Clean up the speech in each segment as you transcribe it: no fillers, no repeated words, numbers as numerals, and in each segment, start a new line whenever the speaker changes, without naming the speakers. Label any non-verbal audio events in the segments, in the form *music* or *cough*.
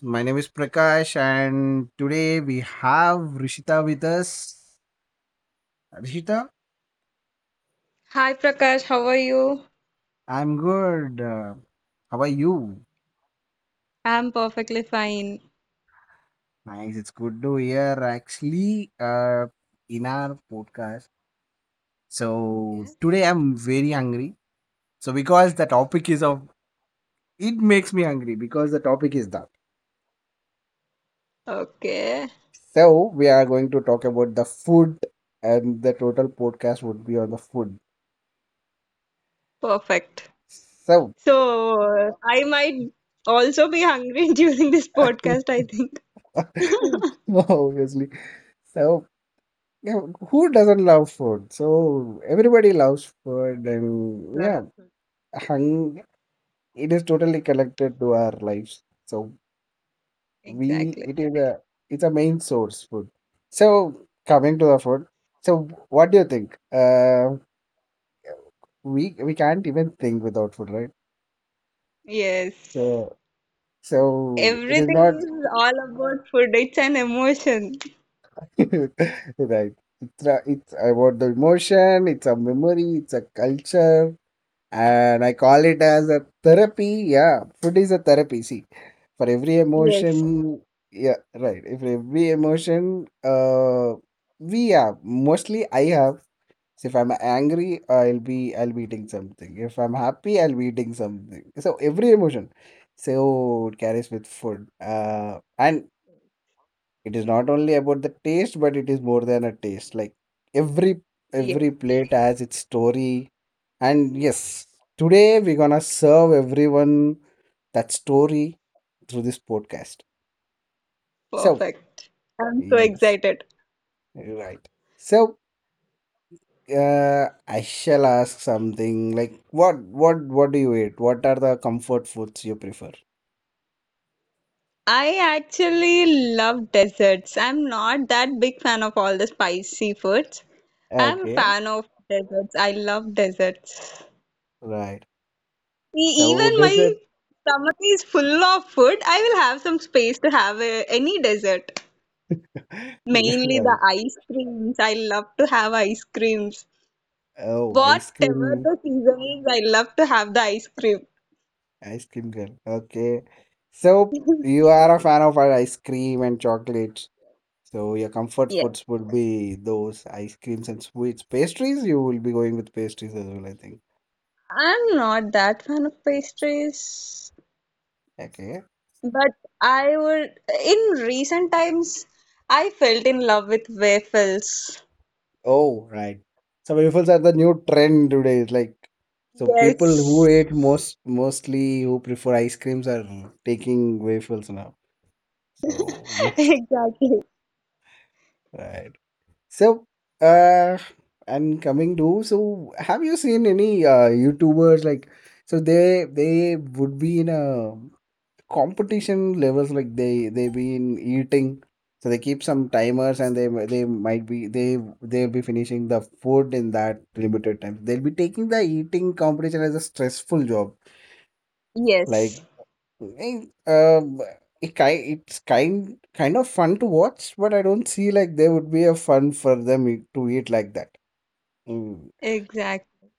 My name is Prakash, and today we have Rishita with us. Rishita,
Hi Prakash, how are you?
I'm good. How are you?
I'm perfectly fine.
Nice. It's good to hear. Actually, in our podcast, so
Yeah.
today I'm very hungry. So because the topic is of, it makes me hungry because the topic is that.
Okay,
So we are going to talk about the food, and the total podcast would be on the food.
perfect.
So.
So I might also be hungry *laughs* during this
*laughs*
podcast, I think.
*laughs* Obviously. So, yeah, who doesn't love food? So, everybody loves food, and
Love.
yeah, hung, it is totally connected to our lives. So, we,
Exactly.
it is a, it's a main source food. So, coming to the food, so what do you think? We can't even think without food, right?
Yes.
So, so it is
Everything
not,
is all about food. It's an emotion.
*laughs* right. It's about the emotion, it's a memory, it's a culture, and I call it as a therapy. Yeah, food is a therapy. See, for every
Yes.
emotion, yeah, right. If every emotion, we have mostly I have. So if I'm angry, I'll be eating something. If I'm happy, I'll be eating something. So every emotion, so it carries with food. And it is not only about the taste, but it is more than a taste. Like every
Yes.
every plate has its story. And yes, today we're gonna serve everyone that story through this podcast. So
Perfect. I'm so
yes,
excited.
right. So I shall ask something like what do you eat? What are the comfort foods you prefer?
I actually love desserts. I'm not that big fan of all the spicy foods. I'm a
Okay,
fan of desserts. I love desserts.
right.
E-
So
Even
does
my
it?
stomach is full of food, I will have some space to have a, any dessert.
*laughs*
Mainly the
Right.
ice creams. I love to have ice creams.
Oh, ice
Whatever
cream.
the season is, I love to have the ice cream.
Ice cream girl. Okay. So you are a fan of our ice cream and chocolates. So your comfort
Yes.
foods would be those ice creams and sweets. Pastries, you will be going with pastries as well, I think.
I'm not that fan of pastries.
Okay.
But I would, in recent times, I felt in love with waffles.
Oh, right. So waffles are the new trend today. It's like so people who
Yes,
ate mostly who prefer ice creams are taking waffles now. So *laughs*
*laughs*
yes.
exactly.
Right. So, uh, and coming to, so have you seen any YouTubers like, so they would be in a competition levels like they been eating, so they keep some timers and they'll be finishing the food in that limited time. They'll be taking the eating competition as a stressful job. Like,
Yes,
eh, um, it ki- it's kind kind of fun to watch, but I don't see like there would be a fun for them to eat like that. Mm.
exactly.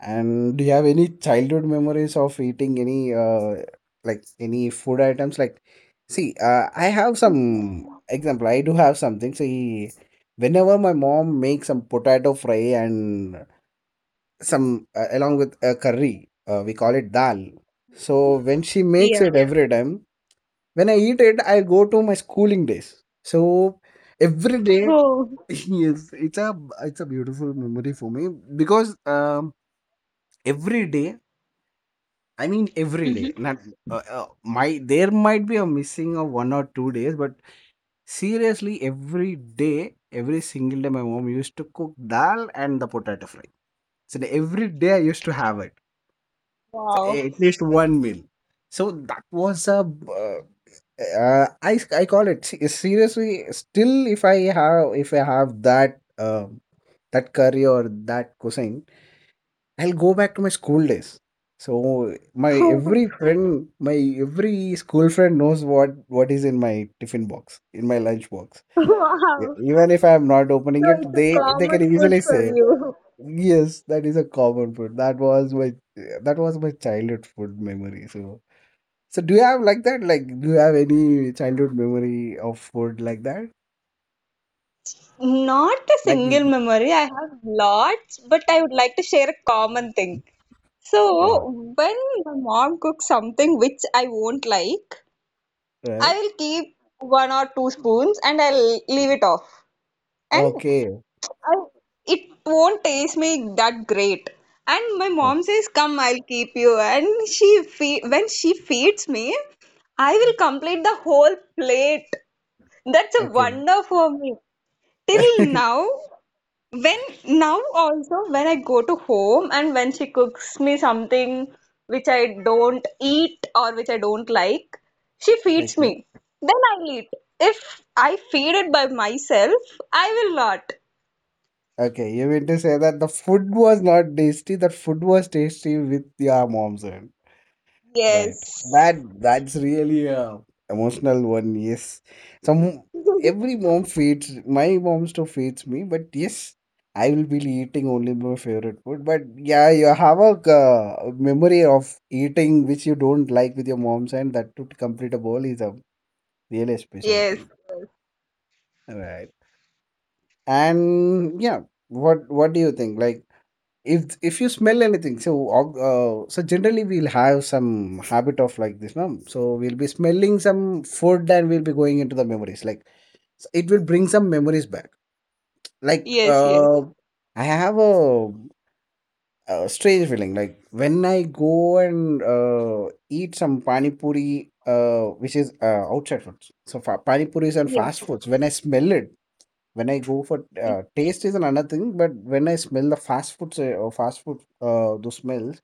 And do you have any childhood memories of eating any food items? Like, see, I have some example. I do have something. See, whenever my mom makes some potato fry and some along with a curry, we call it dal. So when she makes
Yeah.
it every time, when I eat it, I go to my schooling days. So every day,
Oh.
*laughs* yes, it's a beautiful memory for me because every day I mean, every day.
Mhm.
Not my. There might be a missing of 1 or 2 days, but seriously, every day, every single day, my mom used to cook dal and the potato fry. So every day I used to have it, so,
Wow.
at least one meal. So that was a. Uh, uh, I I call it seriously. Still, if I have that um, that curry or that cuisine I'll go back to my school days. So my every
*laughs*
friend, my every school friend knows what is in my tiffin box, in my lunch box. E-
Wow.
Even if I am not opening
So
it,
it's a
they can
common food
easily say,
for you.
"Yes, that is a common food. That was my childhood food memory." So do you have like that? Like do you have any childhood memory of food like that?
Not a
Like
single memory. I have lots, but I would like to share a common thing.
uh,
So when my mom cooks something which I won't like, I
right?
will keep one or two spoons and I'll leave it off. And
Okay,
I, it won't taste me that great. And my mom says, "Come, I'll keep you." And she when she feeds me, I will complete the whole plate. That's a
okay,
wonder for me. Till
*laughs*
now, when now also when I go to home and when she cooks me something which I don't eat or which I don't like, she feeds
okay.
me. Then I'll eat. If I feed it by myself, I will not.
Okay, you mean to say that the food was not tasty, that food was tasty with your mom's hand. Right.
Yes.
That's really a emotional one, yes. Some
*laughs*
every mom feeds my mom still feeds me, but yes, I will be eating only my favorite food. But yeah, you have a memory of eating which you don't like with your mom's hand, that to complete a bowl is a really special
Yes.
thing. Right. And yeah, what do you think? Like If you smell anything, so generally we'll have some habit of like this, no? So we'll be smelling some food and we'll be going into the memories. Like so it will bring some memories back. Like
Yes, yes.
I have a strange feeling. Like when I go and eat some pani puri, which is outside foods. So pani puris and
Yes.
fast foods. When I smell it, when I go for taste is another thing, but when I smell the fast foods or fast food those smells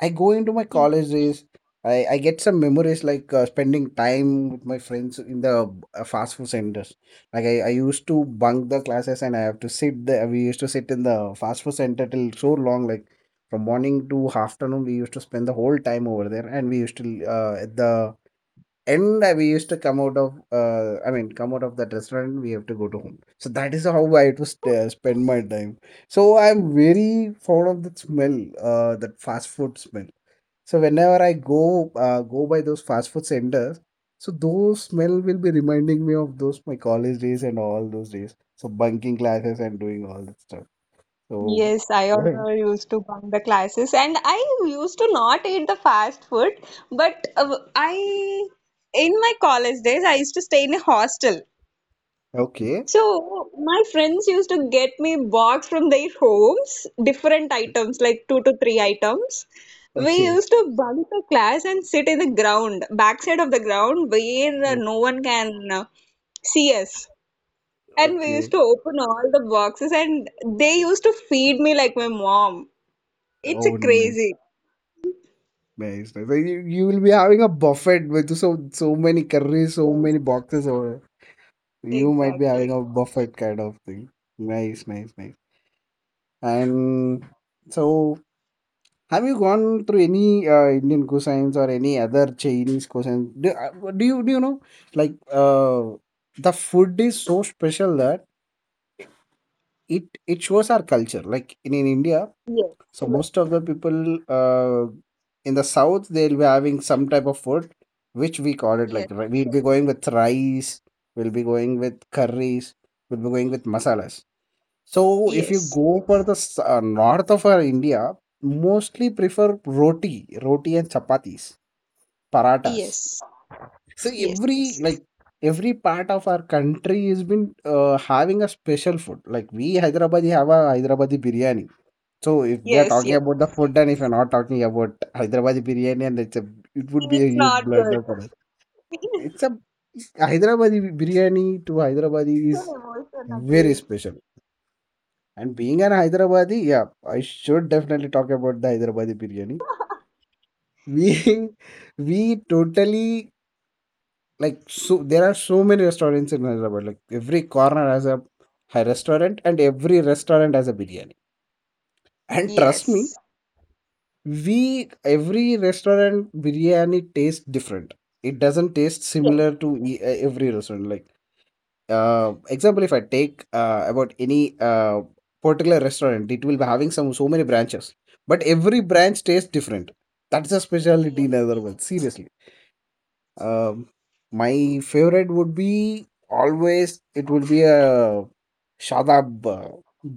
I go into my college days. I get some memories like spending time with my friends in the fast food centers. Like I used to bunk the classes and I have to sit there. We used to sit in the fast food center till so long, like from morning to afternoon. We used to spend the whole time over there, and we used to at the end we used to come out of I mean come out of that restaurant. We have to go to home. So that is how I used to spend my time. So I'm very fond of that smell, that fast food smell so whenever I go by those fast food centers, so those smell will be reminding me of those my college days and all those days. So bunking classes and doing all that stuff. So
Yes, I
*laughs* Right.
also used to bunk the classes and I used to not eat the fast food, but I in my college days I used to stay in a hostel.
Okay,
So my friends used to get me box from their homes, different items, like two to three items. We
okay,
used to bunk the class and sit in the ground, backside of the ground, where
o-
no one can see us. And we used
okay.
to open all the boxes, and they used to feed me like my mom. It's a
Oh, nice,
crazy.
nice, nice. So you will be having a buffet with so many curries, so
Yes,
many boxes over. You might be having
exactly.
a buffet kind of thing. Nice, nice, nice. And so have you gone through any Indian cosines or any other Chinese cosines? Do you know like the food is so special that it shows our culture. Like in India,
Yes,
so most of the people in the south they'll be having some type of food which we call it like
yes,
we'll be going with rice, we'll be going with curries, we'll be going with masalas. So if you
yes,
go for the north of our India, mostly prefer roti, and chapatis, paratas.
yes, yes,
So every
yes,
like every part of our country has been having a special food. Like we Hyderabadi have a Hyderabadi biryani. So if we are
yes,
talking
yes.
about the food, and if you're not talking about Hyderabadi biryani, and it would be a
It's
huge
not good.
blunder for us.
*laughs*
It's a Hyderabadi biryani to Hyderabadi
It's an
is
emotion
very
again.
special. And being an Hyderabadi, yeah, I should definitely talk about the Hyderabadi biryani. We *laughs* we totally like so there are so many restaurants in Hyderabad. Like every corner has a high restaurant and every restaurant has a biryani. And trust me,
Yes.
we every restaurant biryani tastes different. It doesn't taste
Yes.
similar to every restaurant. Like example if I take about any particular restaurant it will be having some so many branches but every branch tastes different that's a specialty
Yes.
in other words seriously um, my favorite would be always it would be a shadab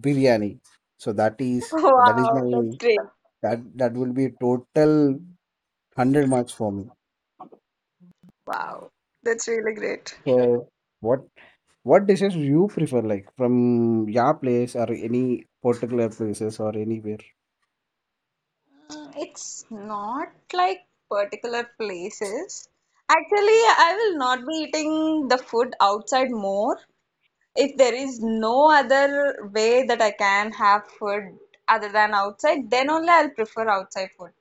biryani so
*laughs*
that is
Wow,
my
that's great.
that that will be total 100 marks for me
Wow. That's really great.
so what What dishes you prefer, like from your place or any particular places or anywhere?
It's not like particular places. Actually, I will not be eating the food outside more. If there is no other way that I can have food other than outside, then only I'll prefer outside food.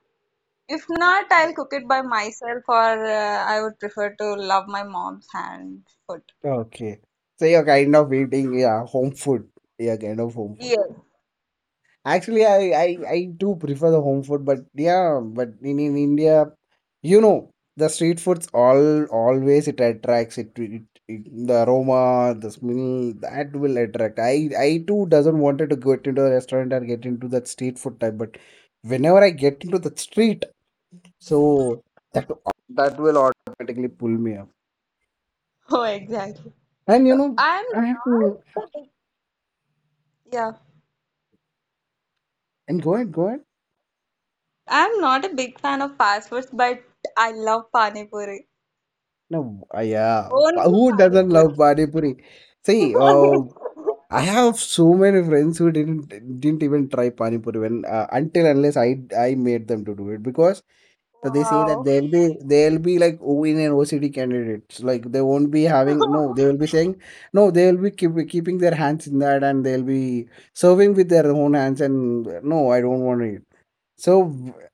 If not, I'll cook it by myself, or I would prefer to love my mom's hand food.
Okay. So you're kind of eating yeah, home food. Yeah, kind of home food.
Yes.
Actually, I do prefer the home food, but yeah, but in India, the street foods all always it attracts it the aroma, the smell that will attract. I too doesn't wanted to get into a restaurant or get into that street food type, but whenever I get into the street. So that That will automatically pull me up.
Oh, exactly.
And you know
I'm
I have to
not a big, yeah,
and go ahead, go ahead.
I'm not a big fan of fast foods, but I love pani puri.
No, yeah,
Only
who
pani
doesn't
puri.
love pani puri? See,
*laughs*
I have so many friends who didn't even try pani puri when until unless I made them to do it, because so they say that
Wow.
they'll be like O in an OCD candidates, like they won't be having, no, they
*laughs*
will be saying no, they will be keeping their hands in that, and they'll be serving with their own hands and no, I don't want it. So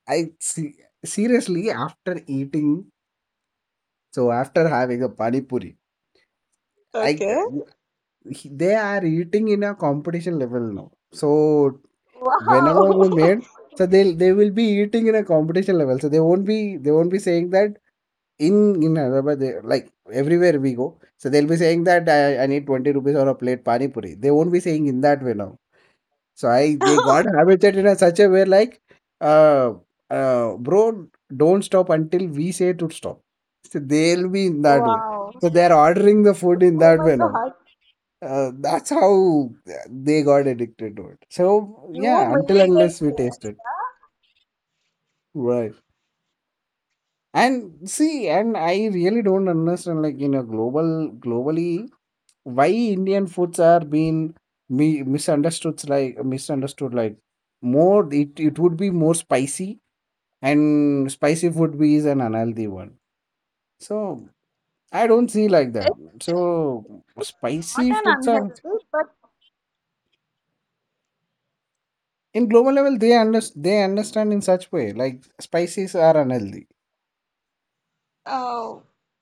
I see, seriously, after eating, so after having a pani puri,
Okay.
I they are eating in a competition level now. So whenever
Wow.
we made, so they will be eating in a competition level. So they won't be saying that in in Hyderabad, they, like everywhere we go. So they'll be saying that I need 20 rupees or a plate pani puri. They won't be saying in that way now. So I they got
*laughs*
habituated in a such a way, like, uh, bro, don't stop until we say to stop. So they'll be in that way.
Wow.
So they're ordering the food in
Oh
that
my
way now.
God.
That's how they got addicted to it. So
You
yeah,
made
until
the
unless we taste
change,
it,
yeah?
right? And see, and I really don't understand, like, you know, globally why Indian foods are being misunderstood, like misunderstood, like more it would be more spicy and spicy food be is an unhealthy one. So I don't see like that.
It's
So
not
spicy
an
foods are
unhealthy, but
in global level, they they understand in such way, like spices are unhealthy.
uh,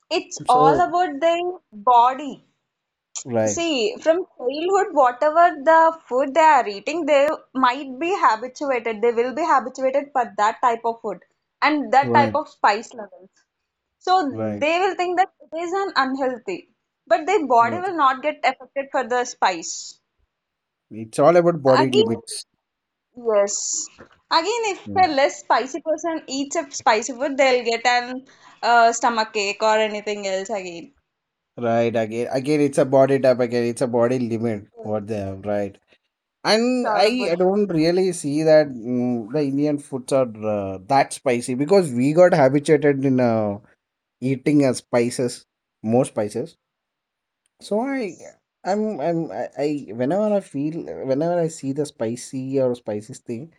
it's all
So
about the body.
right,
See, from childhood, whatever the food they are eating, they might be habituated, they will be habituated for that type of food and that type
right,
of spice levels. So
right,
they will think that it is an unhealthy, but their body
right.
will not get affected for the spice.
It's all about body
Again,
limits.
yes. Again, if a
Right.
less spicy person eats a spicy food, they'll get an stomach ache or anything else again.
Right, again, again, it's a body type. Again, it's a body limit.
Oh.
What they have, right?
It's
And
all
I
about,
don't really see that the Indian foods are that spicy because we got habituated in a. eating spices, more spices. So I
yes.
I'm I whenever I feel whenever I see the spicy or spicy thing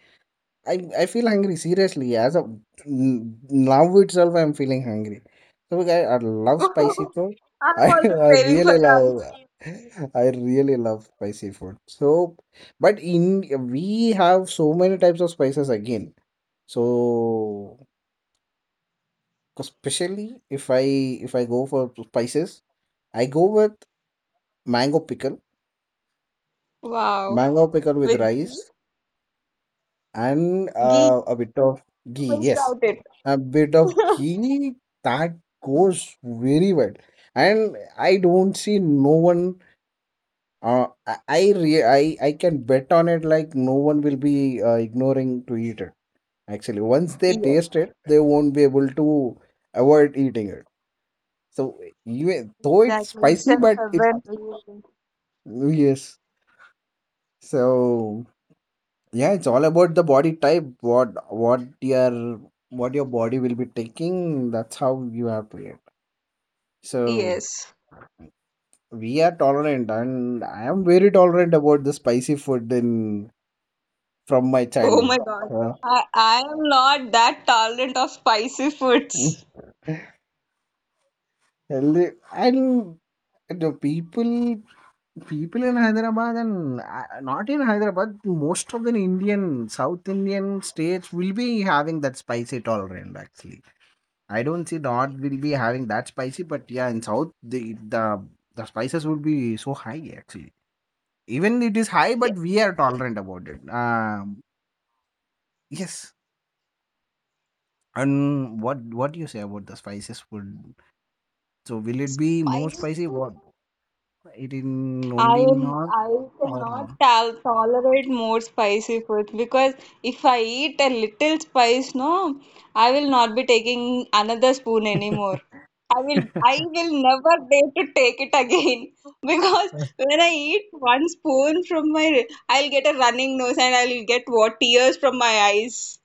I feel hungry, seriously. As of now itself I'm feeling hungry, so I love spicy food.
*laughs* I'm
I *laughs*
also craving for the ice cream.
I really love spicy food. So but in we have so many types of spices again, so especially if I go for spices, I go with mango pickle,
Wow.
mango pickle with
With ghee?
rice and
Ghee.
a bit of
You
ghee.
missed
Yes,
out it.
a bit of
*laughs*
ghee that goes very well. And I don't see no one. I, re- I can bet on it. Like no one will be ignoring to eat it. Actually, once they
Yes,
taste it, they won't be able to avoid eating it. So even though it's
exactly. It's
spicy,
in
but it's,
heaven. Really.
yes. So. Yeah, it's all about the body type, what your what your body will be taking, that's how you have to eat. So
Yes.
we are tolerant and I am very tolerant about the spicy food in from my
Oh my
childhood,
God.
yeah.
I am not that tolerant of spicy
Mm,
foods.
healthy. And the people in Hyderabad and not in Hyderabad, most of the Indian South Indian states will be having that spicy tolerance. Actually, I don't see North
Yes,
will be having that spicy, but yeah, in South the spices would be so high, actually. Even it is high, but
yes.
we are tolerant about it. Yes. And what do you say about the spices food? So will it be more
Spicy
spicy? What, it in
I
only in
am
North
I
or
cannot tolerate more spicy food because if I eat a little spice, no, I will not be taking another spoon anymore.
*laughs*
I will never dare to take it again *laughs* because when I eat one spoon from my I'll get a running nose and I'll get what tears from my eyes.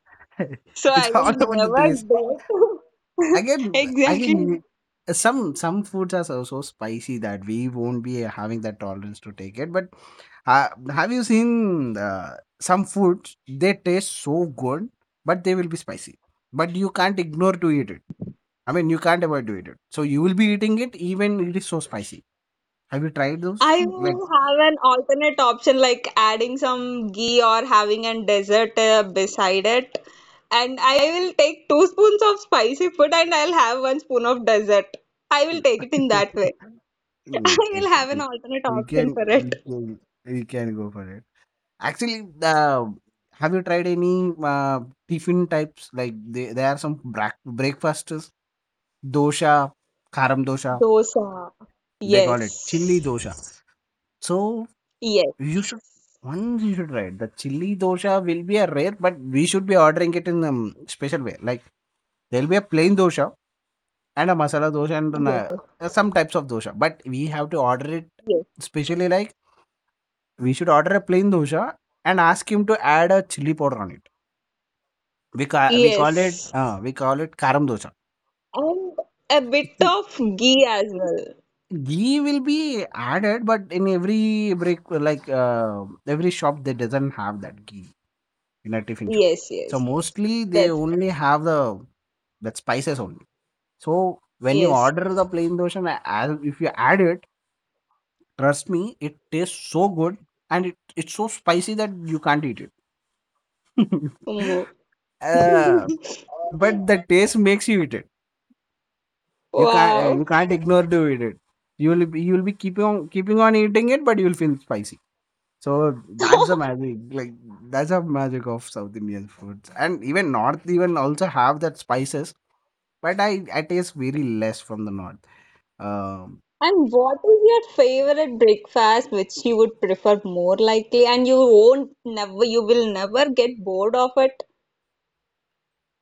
So
it's
I
all
will
about the
never
taste.
dare to. *laughs*
Again,
Exactly.
again, some foods are so, so spicy that we won't be having that tolerance to take it, but have you seen some foods? They taste so good, but they will be spicy. But you can't ignore to eat it. I mean, you can't avoid to eat it. So you will be eating it even it is so spicy. Have you tried those
I
food? Like,
will have an alternate option, like adding some ghee or having a dessert beside it. And I will take two spoons of spicy food and I'll have one spoon of dessert. I will
*laughs*
take it in that way. *laughs* I
Mm,
will have an
exactly.
alternate
We
option
can
for it.
we can we can go for it. Actually, have you tried any tiffin types? Like there are some breakfasts, dosha, karam dosha.
Dosa.
They call it chili
Yes.
dosha. So,
Yes.
you should you should try it. The chili dosha will be a rare, but we should be ordering it in a special way. Like there'll be a plain dosha and a masala dosha and
Yes.
some types of dosha. But we have to order it
Yes.
specially. Like we should order a plain dosha and ask him to add a chili powder on it. We call it
Yes.
karam dosha.
And a bit
See,
of ghee as well.
ghee will be added, but in every break like every shop, they doesn't have that ghee in a tiffin show.
Yes.
So
Yes.
mostly they
That.
only have the that spices only. So when you
Yes.
order the plain dosha, and as if you add it, trust me, it tastes so good and it's so spicy that you can't eat it. *laughs*
Umu.
uh,
*laughs*
but the taste makes you eat it. You
Wow.
can't ignore to eat it. You will be keeping on, keeping on eating it, but you will feel spicy. So that's the
*laughs*
magic. Like that's the magic of South Indian foods, and even North even also have that spices, but I taste very less from the north. Um,
And what is your favorite breakfast which you would prefer more likely and you won't never you will never get bored of it?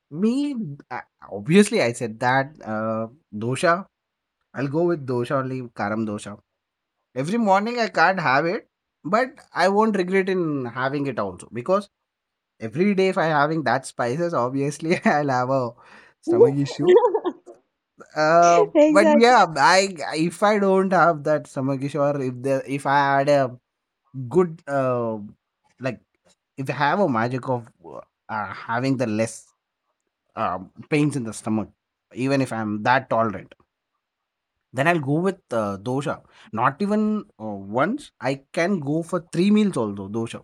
Me, I, obviously I said that dosha. I'll go with dosha only, karam dosha. Every morning I can't have it, but I won't regret in having it also, because every day if I having that spices, obviously *laughs* I'll have a stomach issue.
*laughs*
But
Exactly.
yeah, I if I don't have that stomach issue, or if I had a good, like if you have a magic of having the less pains in the stomach, even if I'm that tolerant, then I'll go with dosha. Not even uh, once, I can go for three meals also dosha,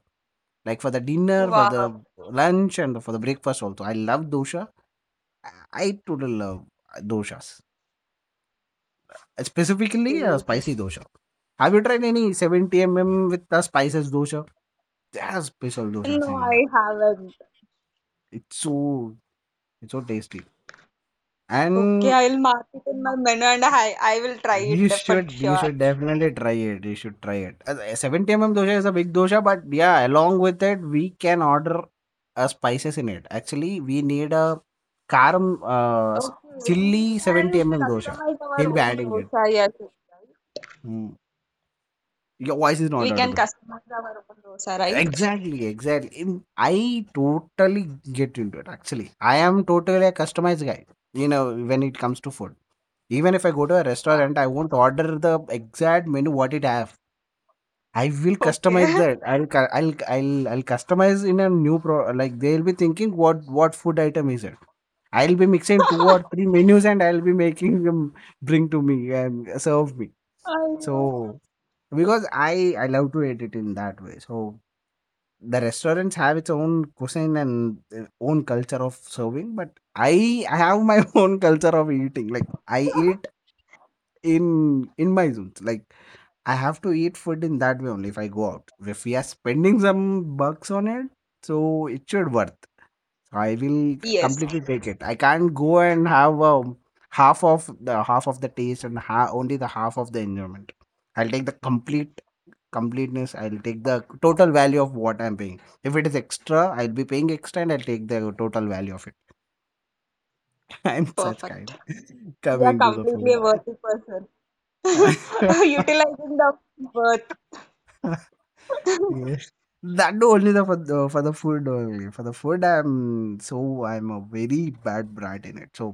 like for the dinner, for the
Wow,
lunch and for the breakfast also. I love dosha. I totally love doshas, specifically
Steve.
spicy dosha. Have you tried any 70 mm with the spices dosha? There are special doshas
No,
in—
I haven't.
it's so, it's so tasty.
Okay,
And
I'll mark it in my menu and I will try it
you
for
should you
sure.
should definitely try it. You should try it. 70 mm dosha is a big dosha, but yeah, along with it, we can order spices in it. Actually, we need a karam
Okay, we
chili
can
70 mm dosha.
customize our
He'll be
own
adding it.
dosa, yes, right?
Mm. Your voice is
We
not
can
audible.
customize our own dosa, right?
Exactly, exactly. I totally get into it. Actually, I am totally a customized guy. You know, when it comes to food, even if I go to a
Wow.
restaurant, I won't order the exact menu what it have. I will customize
Okay.
that. I'll cu- I'll customize in a new pro. Like they'll be thinking what food item is it. I'll be mixing two or
*laughs*
three menus and I'll be making them bring to me and serve me.
I know.
So because I love to edit in that way. So the restaurants have its own cuisine and their own culture of serving, but I have my *laughs* own culture of eating. Like I eat in my zone. Like I have to eat food in that way only if I go out. If we are spending some bucks on it, so it should worth. So I will
Yes.
completely take it. I can't go and have half of the taste and only the half of the enjoyment. I'll take the completeness. I'll take the total value of what I'm paying. If it is extra, I'll be paying extra, and I'll take the total value of it. *laughs* I'm such kind.
Perfect.
*laughs*
You are
Coming to the food,
completely a worthy person. *laughs*
*laughs*
Utilizing the worth.
yes, that no, only the for the for the food only for the food. I'm a very bad brat in it, so.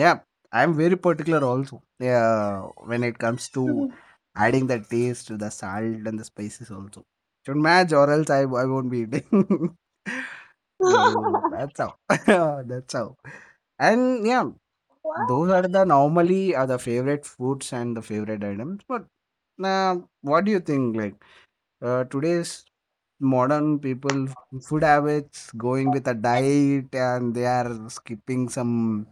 Yeah, I'm very particular also. Yeah, when it comes to adding the taste, the salt and the spices also should match, or else I won't be eating. *laughs* So
*laughs*
that's how. *laughs* That's how. And yeah,
Wow.
those are the normally are the favorite foods and the favorite items. But uh, what do you think? Like, today's modern people food habits going with a diet and they are skipping some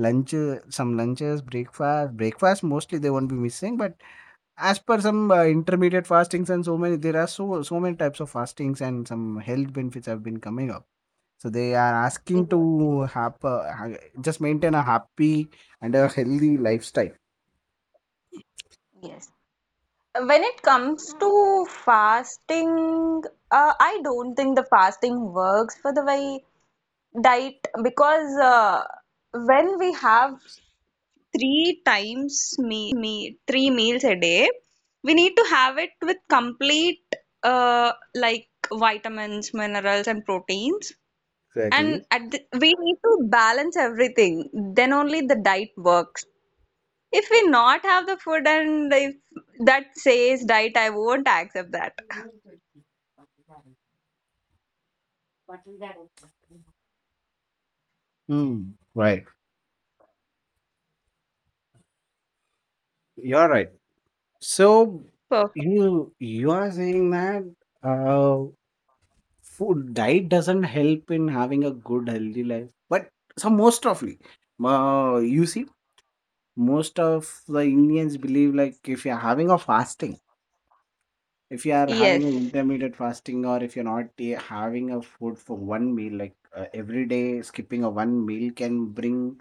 Some lunches, breakfast. Breakfast mostly they won't be missing, but as per some intermediate fastings and so many, there are so many types of fastings and some health benefits have been coming up. So they are asking
Yes.
to have just maintain a happy and a healthy lifestyle.
Yes. When it comes to fasting, I don't think the fasting works for the way diet, because when we have three times me three meals a day, we need to have it with complete like vitamins, minerals, and proteins. And
Exactly.
at the, we need to balance everything. Then only the diet works. If we not have the food and if that says diet, I won't accept that.
Hmm. Right. You're right. So
Perfect.
you are saying that. Uh, Food diet doesn't help in having a good healthy life, but so most ofly, you see, most of the Indians believe like, if you're having a fasting, if you are having an
Yes.
intermittent fasting, or if you're not having a food for one meal, like every day skipping a one meal can bring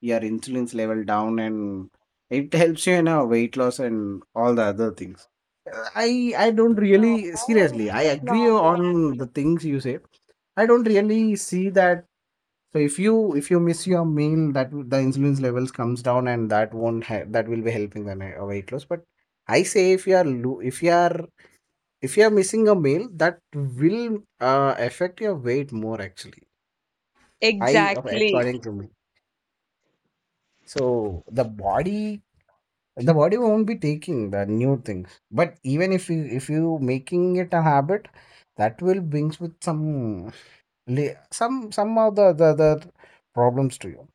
your insulin's level down, and it helps you in a weight loss and all the other things. Uh, i I don't really,
No,
seriously, I agree
like
on the things you say. I don't really see that. So if you miss your meal, that the insulin's levels comes down, and that won't ha- that will be helping the weight loss, but I say if you are if you are missing a meal, that will affect your weight more. Actually, I
exactly.
according to me, so the body won't be taking the new things, but even if you making it a habit, that will brings with some some of the problems to you.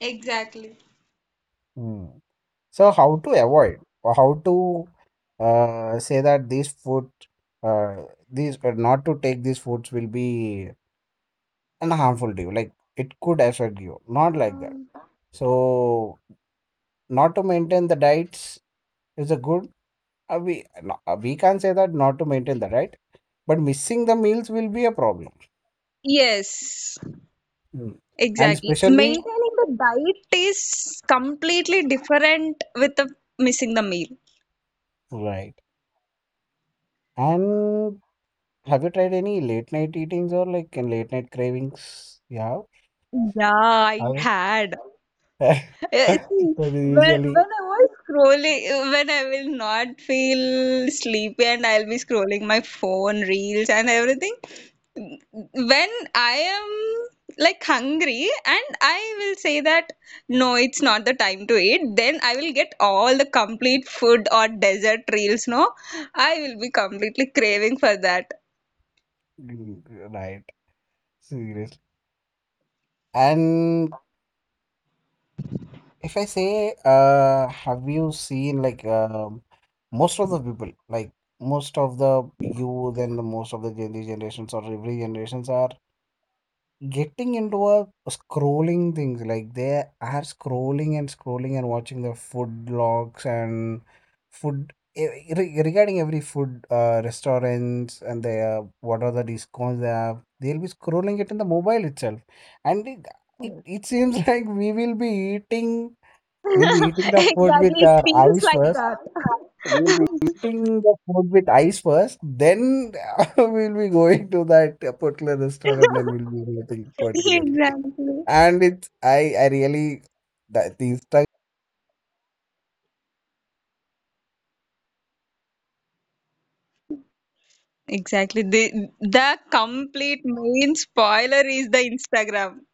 Exactly.
Hmm. So how to avoid or how to say that uh, these, not to take these foods will be an harmful to you, like it could affect you, not like that. So not to maintain the diets is a good, we no, we can't say that not to maintain the diet, but missing the meals will be a problem.
Yes,
Mm. And
exactly.
especially,
Maintaining the diet is completely different with the missing the meal.
right, and have you tried any late night eatings or like in late night cravings, yeah.
Yeah, I
I-
had.
*laughs*
Yeah,
that
see,
is usually.
when I was scrolling, when I will not feel sleepy and I'll be scrolling my phone, reels and everything. When I am like hungry and I will say that no, it's not the time to eat, then I will get all the complete food or dessert reels, no? I will be completely craving for that. *laughs*
Mm, right, seriously. And if I say, have you seen, like, most of the people, like most of the youth and the most of the Gen Z generations or every generations are getting into a scrolling things, like they are scrolling and scrolling and watching the food logs and food, regarding every food restaurants and their what are the discounts they have. They'll be scrolling it in the mobile itself, and it seems *laughs* like eating we'll be eating the food with
Exactly, it
our
feels
eyes
like
first.
that.
We'll be eating the food with eyes first. Then *laughs* we'll be going to that particular restaurant and we'll be eating
*laughs*
particularly.
Exactly.
And it's, I really that these
Exactly. The complete main spoiler is the Instagram.